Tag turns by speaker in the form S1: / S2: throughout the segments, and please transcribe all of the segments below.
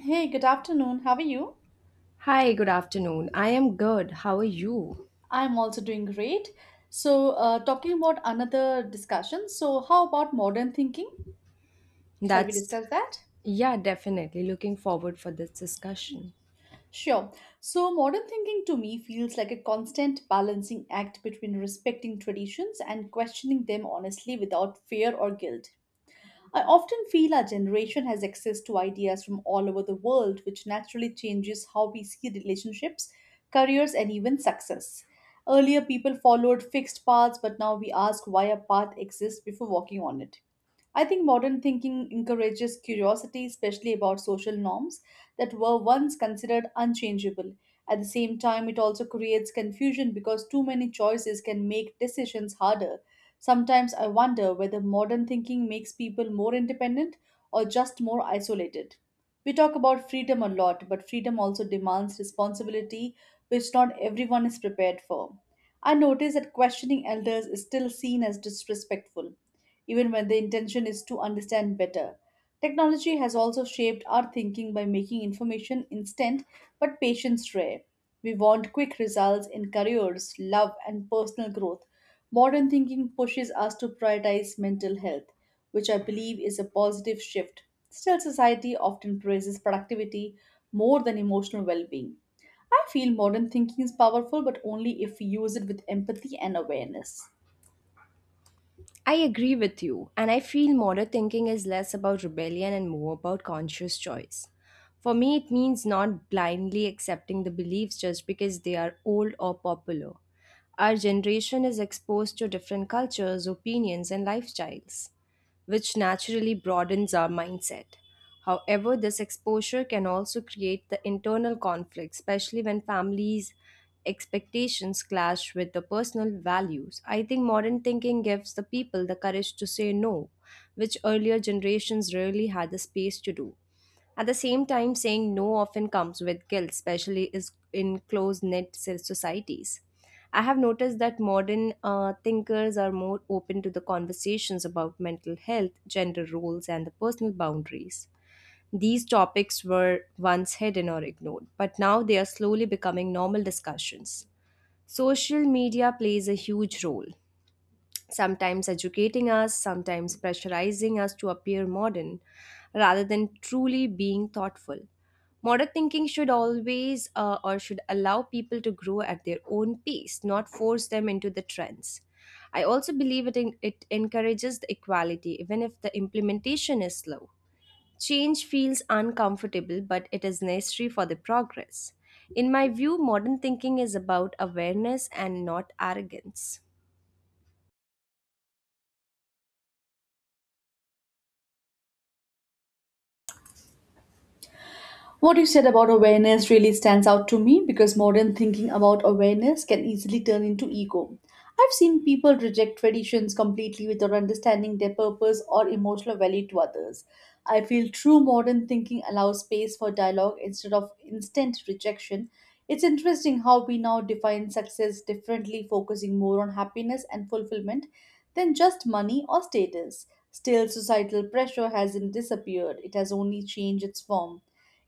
S1: Hey, good afternoon. How are you?
S2: Hi, good afternoon. I am good. How are you?
S1: I'm also doing great. Talking about another discussion. So, how about modern thinking? Shall we
S2: That's,
S1: discuss that?
S2: yeah, definitely looking forward for this discussion.
S1: Sure. So, modern thinking to me feels like a constant balancing act between respecting traditions and questioning them honestly without fear or guilt. I often feel our generation has access to ideas from all over the world, which naturally changes how we see relationships, careers, and even success. Earlier, people followed fixed paths, but now we ask why a path exists before walking on it. I think modern thinking encourages curiosity, especially about social norms that were once considered unchangeable. At the same time, it also creates confusion because too many choices can make decisions harder. Sometimes I wonder whether modern thinking makes people more independent or just more isolated. We talk about freedom a lot, but freedom also demands responsibility, which not everyone is prepared for. I notice that questioning elders is still seen as disrespectful, even when the intention is to understand better. Technology has also shaped our thinking by making information instant but patience rare. We want quick results in careers, love, and personal growth. Modern thinking pushes us to prioritize mental health, which I believe is a positive shift. Still, society often praises productivity more than emotional well being. I feel modern thinking is powerful, but only if we use it with empathy and awareness.
S2: I agree with you, and I feel modern thinking is less about rebellion and more about conscious choice. For me, it means not blindly accepting the beliefs just because they are old or popular. Our generation is exposed to different cultures, opinions, and lifestyles, which naturally broadens our mindset. However, this exposure can also create the internal conflict, especially when families' expectations clash with the personal values. I think modern thinking gives the people the courage to say no, which earlier generations rarely had the space to do. At the same time, saying no often comes with guilt, especially is in societies. I have noticed that modern thinkers are more open to the conversations about mental health, gender roles, and the personal boundaries. These topics were once hidden or ignored, but now they are slowly becoming normal discussions. Social media plays a huge role, sometimes educating us, sometimes pressurizing us to appear modern rather than truly being thoughtful. Modern thinking should always or should allow people to grow at their own pace, not force them into the trends. I also believe it, encourages the equality, even if the implementation is slow. Change feels uncomfortable, but it is necessary for the progress. In my view, modern thinking is about awareness and not arrogance.
S1: What you said about awareness really stands out to me because modern thinking about awareness can easily turn into ego. I've seen people reject traditions completely without understanding their purpose or emotional value to others. I feel true modern thinking allows space for dialogue instead of instant rejection. It's interesting how we now define success differently, focusing more on happiness and fulfillment than just money or status. Still, societal pressure hasn't disappeared, it has only changed its form.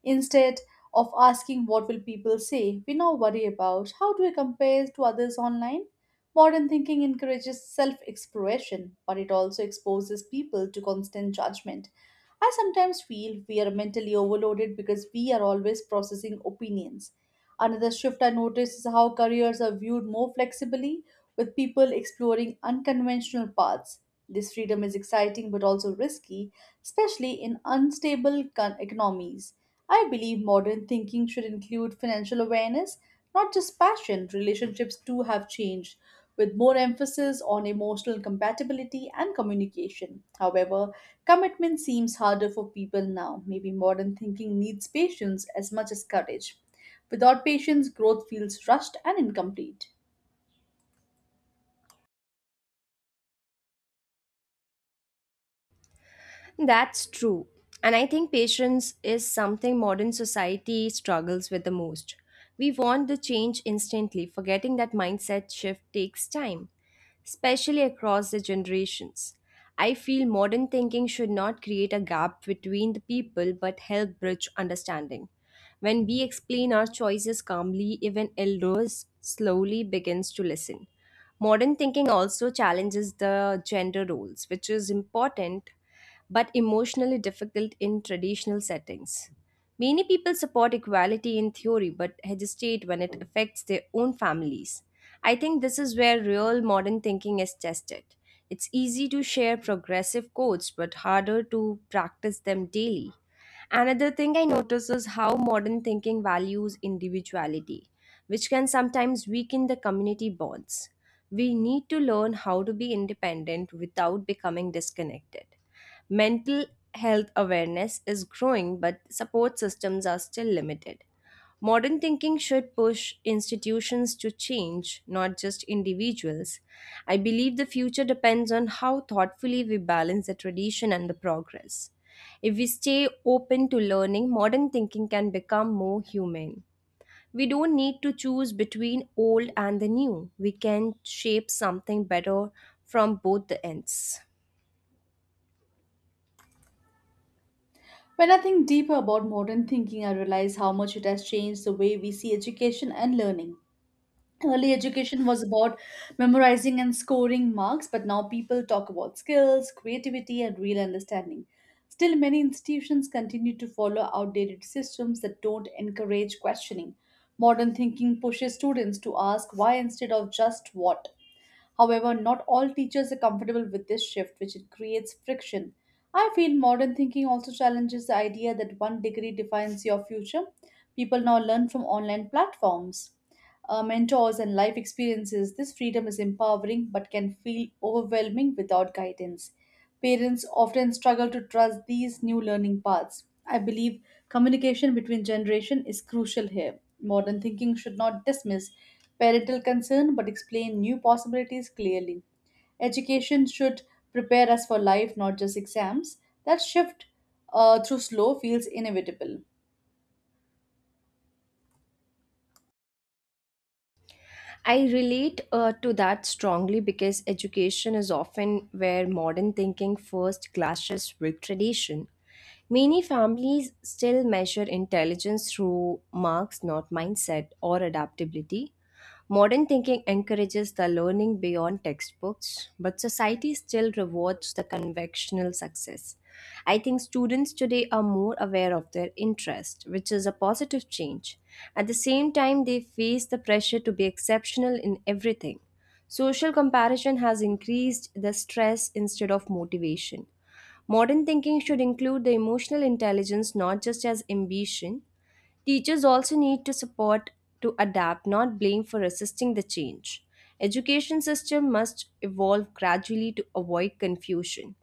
S1: Instead of asking what will people say, we now worry about how do we compare to others online. Modern thinking encourages self exploration, but it also exposes people to constant judgment. I sometimes feel we are mentally overloaded because we are always processing opinions. Another shift I noticed is how careers are viewed more flexibly, with people exploring unconventional paths. This freedom is exciting but also risky, especially in unstable economies. I believe modern thinking should include financial awareness, not just passion. Relationships too have changed, with more emphasis on emotional compatibility and communication. However, commitment seems harder for people now. Maybe modern thinking needs patience as much as courage. Without patience, growth feels rushed and incomplete.
S2: That's true. And I think patience is something modern society struggles with the most. We want the change instantly, forgetting that mindset shift takes time, especially across the generations. I feel modern thinking should not create a gap between the people but help bridge understanding. When we explain our choices calmly, even elders slowly begins to listen. Modern thinking also challenges the gender roles, which is important but emotionally difficult in traditional settings. Many people support equality in theory but hesitate when it affects their own families. I think this is where real modern thinking is tested. It's easy to share progressive codes but harder to practice them daily. Another thing I notice is how modern thinking values individuality, which can sometimes weaken the community bonds. We need to learn how to be independent without becoming disconnected. Mental health awareness is growing, but support systems are still limited. Modern thinking should push institutions to change, not just individuals. I believe the future depends on how thoughtfully we balance the tradition and the progress. If we stay open to learning, modern thinking can become more humane. We don't need to choose between old and the new. We can shape something better from both the ends.
S1: When I think deeper about modern thinking, I realize how much it has changed the way we see education and learning. Early education was about memorizing and scoring marks, but now people talk about skills, creativity, and real understanding. Still, many institutions continue to follow outdated systems that don't encourage questioning. Modern thinking pushes students to ask why instead of just what. However, not all teachers are comfortable with this shift, which it creates friction. I feel modern thinking also challenges the idea that one degree defines your future. People now learn from online platforms, mentors, and life experiences. This freedom is empowering but can feel overwhelming without guidance. Parents often struggle to trust these new learning paths. I believe communication between generation is crucial here. Modern thinking should not dismiss parental concern but explain new possibilities clearly. Education should prepare us for life, not just exams. That shift through slow feels inevitable.
S2: I relate to that strongly because education is often where modern thinking first clashes with tradition. Many families still measure intelligence through marks, not mindset or adaptability. Modern thinking encourages the learning beyond textbooks, but society still rewards the conventional success. I think students today are more aware of their interest, which is a positive change. At the same time, they face the pressure to be exceptional in everything. Social comparison has increased the stress instead of motivation. Modern thinking should include the emotional intelligence not just as ambition. Teachers also need to support to adapt, not blame for resisting the change. Education system must evolve gradually to avoid confusion.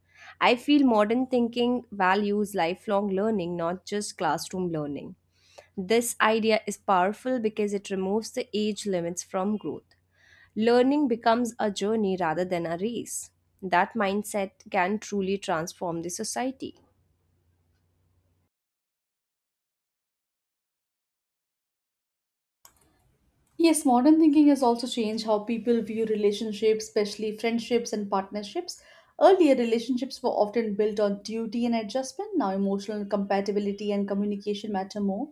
S2: I feel modern thinking values lifelong learning, not just classroom learning. This idea is powerful because it removes the age limits from growth. Learning becomes a journey rather than a race. That mindset can truly transform the society.
S1: Yes, modern thinking has also changed how people view relationships, especially friendships and partnerships. Earlier, relationships were often built on duty and adjustment. Now, emotional compatibility and communication matter more.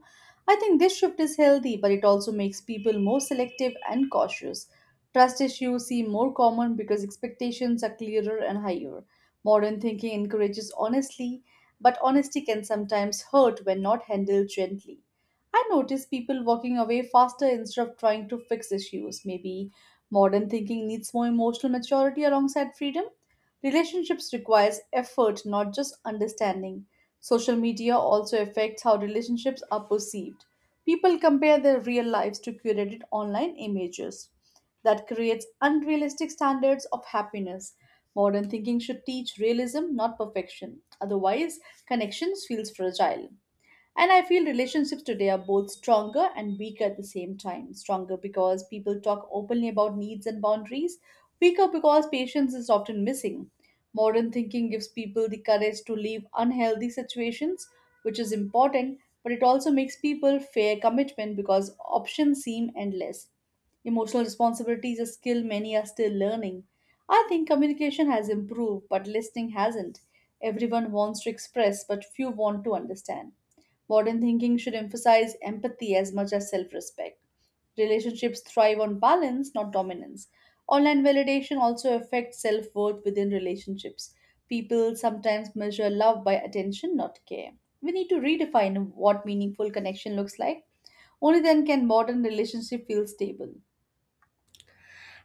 S1: I think this shift is healthy, but it also makes people more selective and cautious. Trust issues seem more common because expectations are clearer and higher. Modern thinking encourages honesty, but honesty can sometimes hurt when not handled gently. I notice people walking away faster instead of trying to fix issues. Maybe modern thinking needs more emotional maturity alongside freedom. Relationships requires effort, not just understanding. Social media also affects how relationships are perceived. People compare their real lives to curated online images. That creates unrealistic standards of happiness. Modern thinking should teach realism, not perfection. Otherwise, connections feels fragile. And I feel relationships today are both stronger and weaker at the same time. Stronger because people talk openly about needs and boundaries, weaker because patience is often missing. Modern thinking gives people the courage to leave unhealthy situations, which is important, but it also makes people fear commitment because options seem endless. Emotional responsibility is a skill many are still learning. I think communication has improved, but listening hasn't. Everyone wants to express, but few want to understand. Modern thinking should emphasize empathy as much as self respect. Relationships thrive on balance, not dominance. Online validation also affects self worth within relationships. People sometimes measure love by attention, not care. We need to redefine what meaningful connection looks like. Only then can modern relationship feel stable.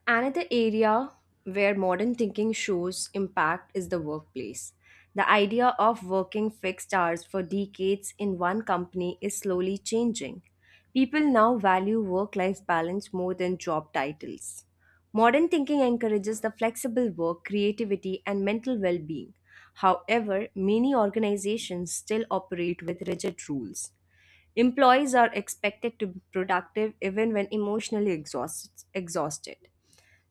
S2: Another area where modern thinking shows impact is the workplace. The idea of working fixed hours for decades in one company is slowly changing. People now value work life balance more than job titles. Modern thinking encourages the flexible work, creativity, and mental well being. However, many organizations still operate with rigid rules. Employees are expected to be productive even when emotionally exhausted.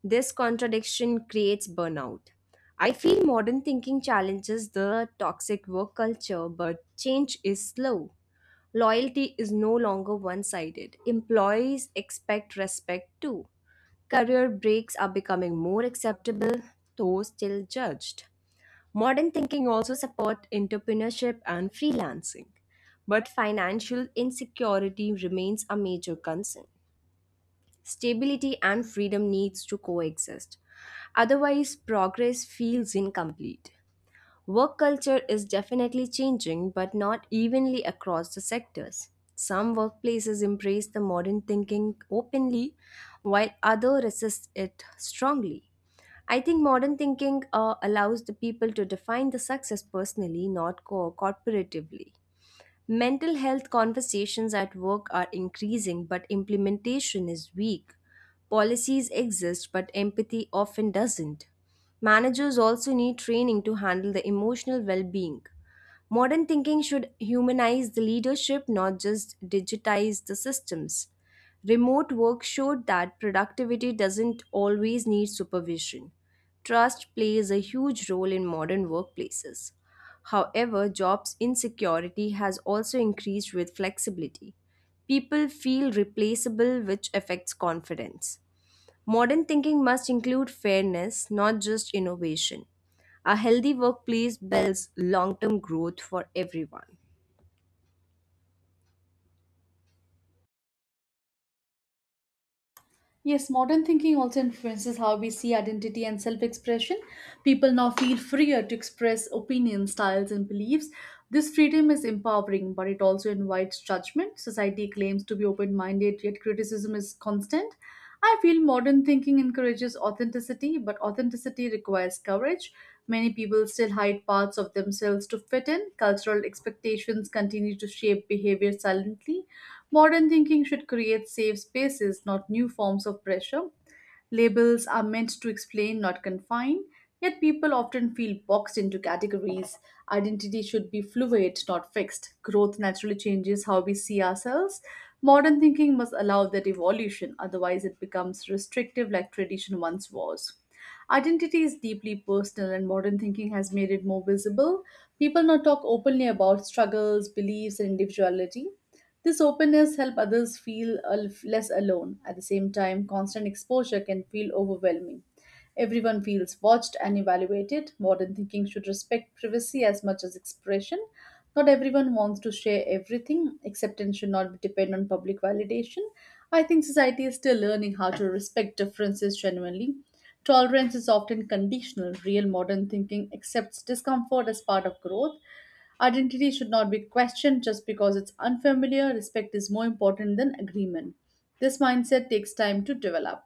S2: This contradiction creates burnout. I feel modern thinking challenges the toxic work culture, but change is slow. Loyalty is no longer one sided. Employees expect respect too. Career breaks are becoming more acceptable, though still judged. Modern thinking also supports entrepreneurship and freelancing, but financial insecurity remains a major concern. Stability and freedom needs to coexist. Otherwise, progress feels incomplete. Work culture is definitely changing, but not evenly across the sectors. Some workplaces embrace the modern thinking openly, while others resist it strongly. I think modern thinking allows the people to define the success personally, not co- corporatively. Mental health conversations at work are increasing, but implementation is weak. Policies exist, but empathy often doesn't. Managers also need training to handle the emotional well being. Modern thinking should humanize the leadership, not just digitize the systems. Remote work showed that productivity doesn't always need supervision. Trust plays a huge role in modern workplaces. However, jobs insecurity has also increased with flexibility. People feel replaceable, which affects confidence. Modern thinking must include fairness, not just innovation. A healthy workplace builds long term growth for everyone.
S1: Yes, modern thinking also influences how we see identity and self expression. People now feel freer to express opinions, styles, and beliefs. This freedom is empowering, but it also invites judgment. Society claims to be open minded, yet criticism is constant. I feel modern thinking encourages authenticity, but authenticity requires courage. Many people still hide parts of themselves to fit in. Cultural expectations continue to shape behavior silently. Modern thinking should create safe spaces, not new forms of pressure. Labels are meant to explain, not confine, yet people often feel boxed into categories. Identity should be fluid, not fixed. Growth naturally changes how we see ourselves. Modern thinking must allow that evolution, otherwise, it becomes restrictive like tradition once was. Identity is deeply personal, and modern thinking has made it more visible. People now talk openly about struggles, beliefs, and individuality. This openness helps others feel less alone. At the same time, constant exposure can feel overwhelming. Everyone feels watched and evaluated. Modern thinking should respect privacy as much as expression. Not everyone wants to share everything. Acceptance should not depend on public validation. I think society is still learning how to respect differences genuinely. Tolerance is often conditional. Real modern thinking accepts discomfort as part of growth. Identity should not be questioned just because it's unfamiliar. Respect is more important than agreement. This mindset takes time to develop.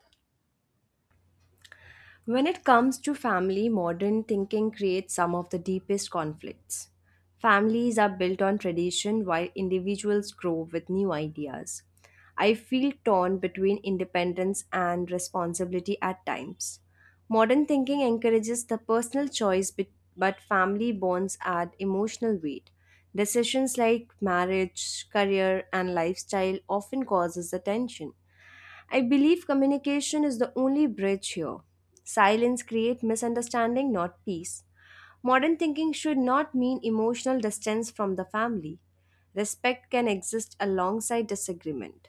S2: When it comes to family, modern thinking creates some of the deepest conflicts. Families are built on tradition while individuals grow with new ideas. I feel torn between independence and responsibility at times. Modern thinking encourages the personal choice, but family bonds add emotional weight. Decisions like marriage, career, and lifestyle often causes the tension. I believe communication is the only bridge here. Silence creates misunderstanding, not peace. Modern thinking should not mean emotional distance from the family. Respect can exist alongside disagreement.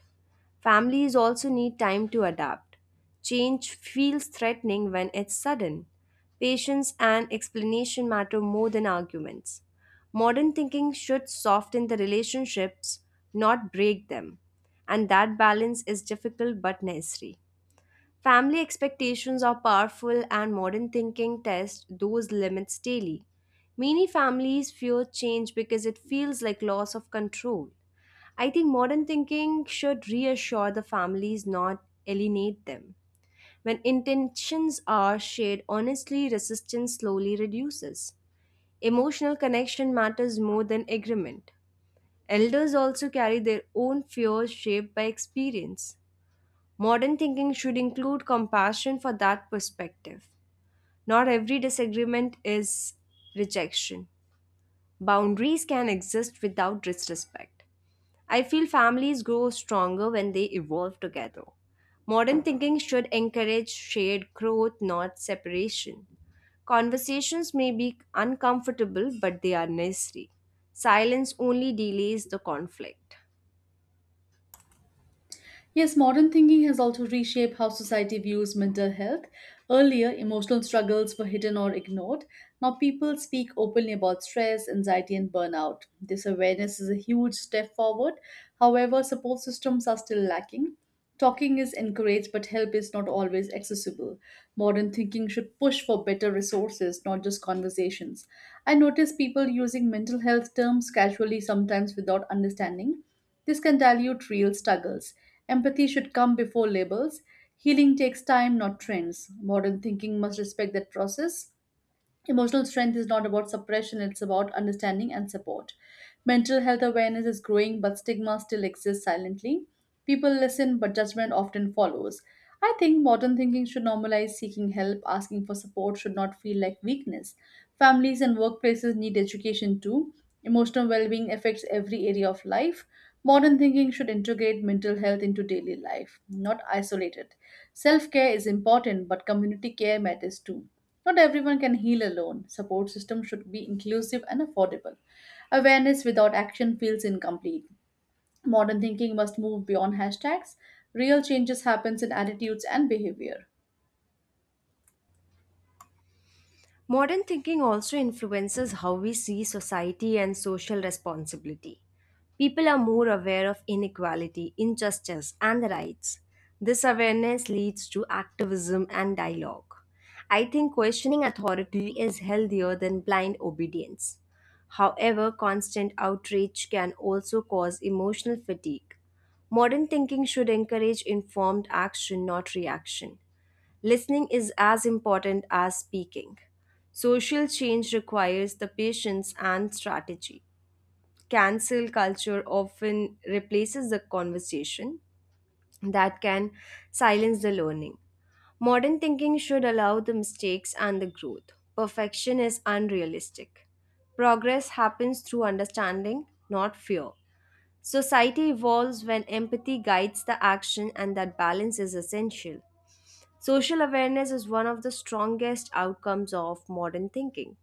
S2: Families also need time to adapt. Change feels threatening when it's sudden. Patience and explanation matter more than arguments. Modern thinking should soften the relationships, not break them. And that balance is difficult but necessary. Family expectations are powerful, and modern thinking tests those limits daily. Many families fear change because it feels like loss of control. I think modern thinking should reassure the families, not alienate them. When intentions are shared honestly, resistance slowly reduces. Emotional connection matters more than agreement. Elders also carry their own fears shaped by experience. Modern thinking should include compassion for that perspective. Not every disagreement is rejection. Boundaries can exist without disrespect. I feel families grow stronger when they evolve together. Modern thinking should encourage shared growth, not separation. Conversations may be uncomfortable, but they are necessary. Silence only delays the conflict.
S1: Yes, modern thinking has also reshaped how society views mental health. Earlier, emotional struggles were hidden or ignored. Now, people speak openly about stress, anxiety, and burnout. This awareness is a huge step forward. However, support systems are still lacking. Talking is encouraged, but help is not always accessible. Modern thinking should push for better resources, not just conversations. I notice people using mental health terms casually, sometimes without understanding. This can dilute real struggles. Empathy should come before labels. Healing takes time, not trends. Modern thinking must respect that process. Emotional strength is not about suppression, it's about understanding and support. Mental health awareness is growing, but stigma still exists silently. People listen, but judgment often follows. I think modern thinking should normalize seeking help, asking for support should not feel like weakness. Families and workplaces need education too. Emotional well being affects every area of life. Modern thinking should integrate mental health into daily life, not isolate it. Self care is important, but community care matters too. Not everyone can heal alone. Support system should be inclusive and affordable. Awareness without action feels incomplete. Modern thinking must move beyond hashtags. Real changes happens in attitudes and behavior.
S2: Modern thinking also influences how we see society and social responsibility. People are more aware of inequality, injustice, and rights. This awareness leads to activism and dialogue. I think questioning authority is healthier than blind obedience. However, constant outrage can also cause emotional fatigue. Modern thinking should encourage informed action, not reaction. Listening is as important as speaking. Social change requires the patience and strategy. Cancel culture often replaces the conversation that can silence the learning. Modern thinking should allow the mistakes and the growth. Perfection is unrealistic. Progress happens through understanding, not fear. Society evolves when empathy guides the action, and that balance is essential. Social awareness is one of the strongest outcomes of modern thinking.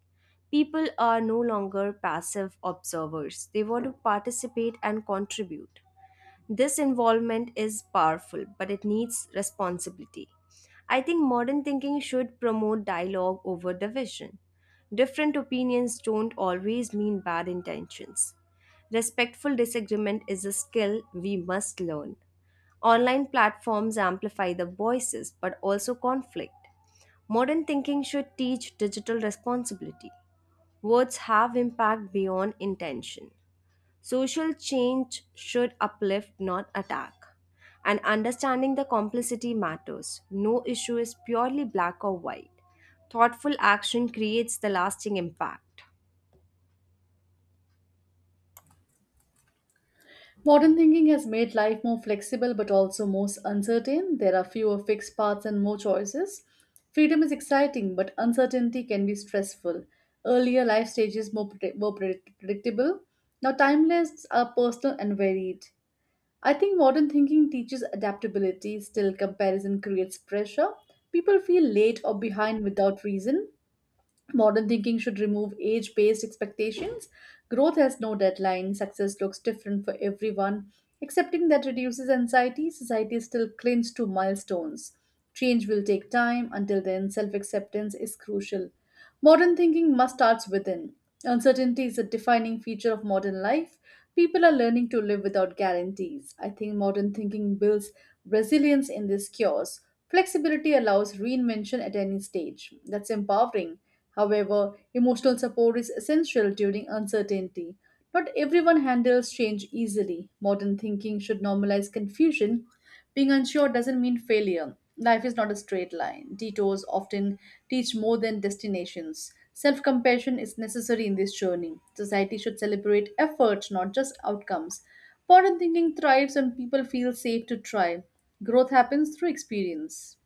S2: People are no longer passive observers, they want to participate and contribute. This involvement is powerful, but it needs responsibility. I think modern thinking should promote dialogue over division. Different opinions don't always mean bad intentions. Respectful disagreement is a skill we must learn. Online platforms amplify the voices but also conflict. Modern thinking should teach digital responsibility. Words have impact beyond intention. Social change should uplift, not attack. And understanding the complicity matters. No issue is purely black or white. Thoughtful action creates the lasting impact.
S1: Modern thinking has made life more flexible but also more uncertain. There are fewer fixed paths and more choices. Freedom is exciting, but uncertainty can be stressful. Earlier life stages more predictable. Now timelines are personal and varied. I think modern thinking teaches adaptability, still, comparison creates pressure. People feel late or behind without reason. Modern thinking should remove age based expectations. Growth has no deadline, success looks different for everyone. Accepting that reduces anxiety, society still clings to milestones. Change will take time, until then, self acceptance is crucial. Modern thinking must start within. Uncertainty is a defining feature of modern life. People are learning to live without guarantees. I think modern thinking builds resilience in this chaos. Flexibility allows reinvention at any stage. That's empowering. However, emotional support is essential during uncertainty. Not everyone handles change easily. Modern thinking should normalize confusion being unsure doesn't mean failure. Life is not a straight line. Detours often teach more than destinations. Self compassion is necessary in this journey. Society should celebrate effort, not just outcomes. Modern thinking thrives when people feel safe to try. Growth happens through experience.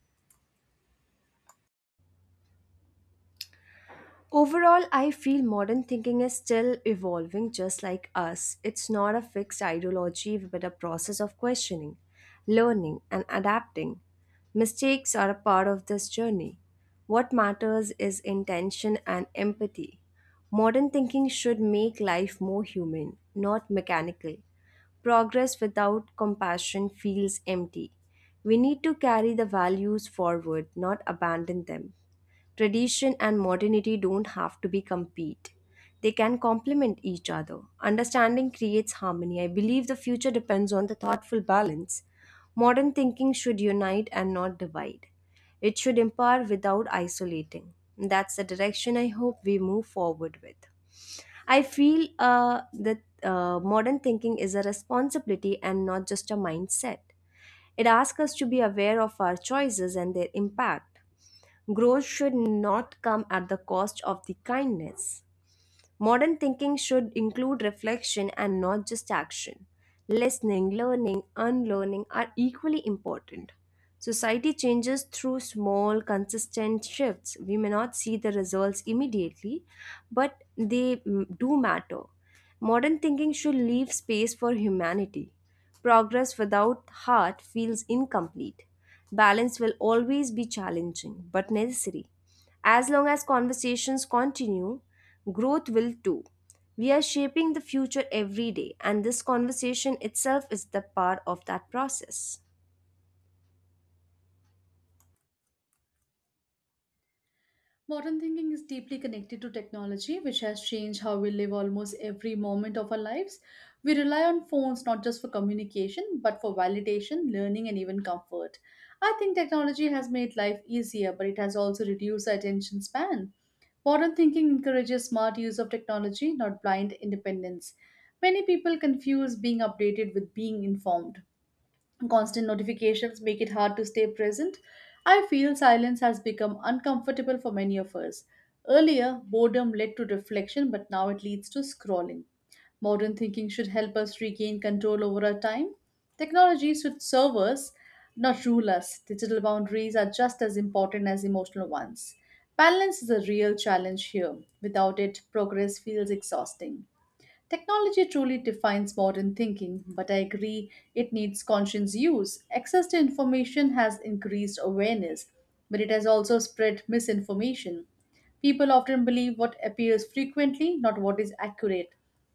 S2: Overall, I feel modern thinking is still evolving just like us. It's not a fixed ideology but a process of questioning, learning, and adapting. Mistakes are a part of this journey. What matters is intention and empathy. Modern thinking should make life more human, not mechanical. Progress without compassion feels empty. We need to carry the values forward, not abandon them. Tradition and modernity don't have to be compete. They can complement each other. Understanding creates harmony. I believe the future depends on the thoughtful balance. Modern thinking should unite and not divide. It should empower without isolating. That's the direction I hope we move forward with. I feel that modern thinking is a responsibility and not just a mindset. It asks us to be aware of our choices and their impact. Growth should not come at the cost of the kindness. Modern thinking should include reflection and not just action. Listening, learning, unlearning are equally important. Society changes through small, consistent shifts. We may not see the results immediately, but they do matter. Modern thinking should leave space for humanity. Progress without heart feels incomplete. Balance will always be challenging, but necessary. As long as conversations continue, growth will too. We are shaping the future every day, and this conversation itself is the part of that process.
S1: Modern thinking is deeply connected to technology, which has changed how we live almost every moment of our lives. We rely on phones not just for communication, but for validation, learning, and even comfort. I think technology has made life easier, but it has also reduced our attention span. Modern thinking encourages smart use of technology, not blind independence. Many people confuse being updated with being informed. Constant notifications make it hard to stay present. I feel silence has become uncomfortable for many of us. Earlier, boredom led to reflection, but now it leads to scrolling. Modern thinking should help us regain control over our time. Technology should serve us, not rule us. Digital boundaries are just as important as emotional ones. Balance is a real challenge here. Without it, progress feels exhausting. Technology truly defines modern thinking, but I agree it needs conscious use. Access to information has increased awareness, but it has also spread misinformation. People often believe what appears frequently, not what is accurate.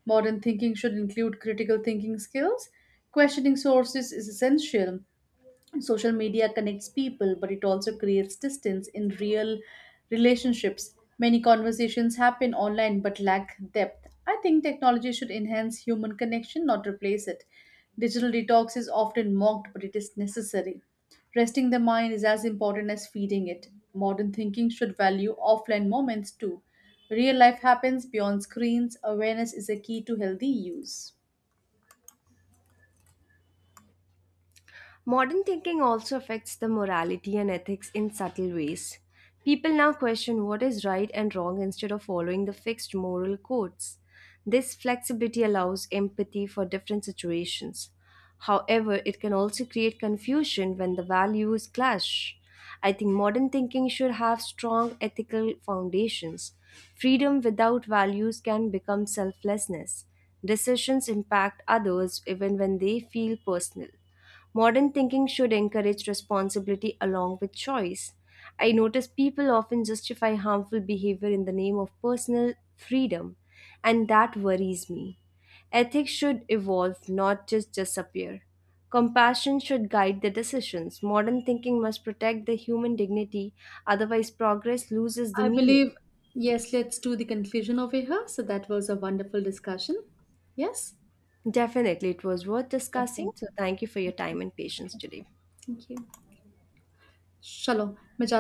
S1: Modern thinking should include critical thinking skills. Questioning sources is essential. Social media connects people, but it also creates distance in real relationships. Many conversations happen online but lack depth. I think technology should enhance human connection, not replace it. Digital detox is often mocked, but it is necessary. Resting the mind is as important as feeding it. Modern thinking should value offline moments too. Real life happens beyond screens. Awareness is a key to healthy use.
S2: Modern thinking also affects the morality and ethics in subtle ways. People now question what is right and wrong instead of following the fixed moral codes. This flexibility allows empathy for different situations. However, it can also create confusion when the values clash. I think modern thinking should have strong ethical foundations. Freedom without values can become selflessness. Decisions impact others even when they feel personal. Modern thinking should encourage responsibility along with choice. I notice people often justify harmful behavior in the name of personal freedom, and that worries me. Ethics should evolve, not just disappear. Compassion should guide the decisions. Modern thinking must protect the human dignity, otherwise, progress loses the
S1: I
S2: meaning.
S1: believe, yes, let's do the conclusion over here. So that was a wonderful discussion. Yes?
S2: Definitely, it was worth
S1: Okay. Thank
S2: discussing. So, thank you for your
S1: you.
S2: time and patience
S1: Okay.
S2: today.
S1: Thank you. Shalom.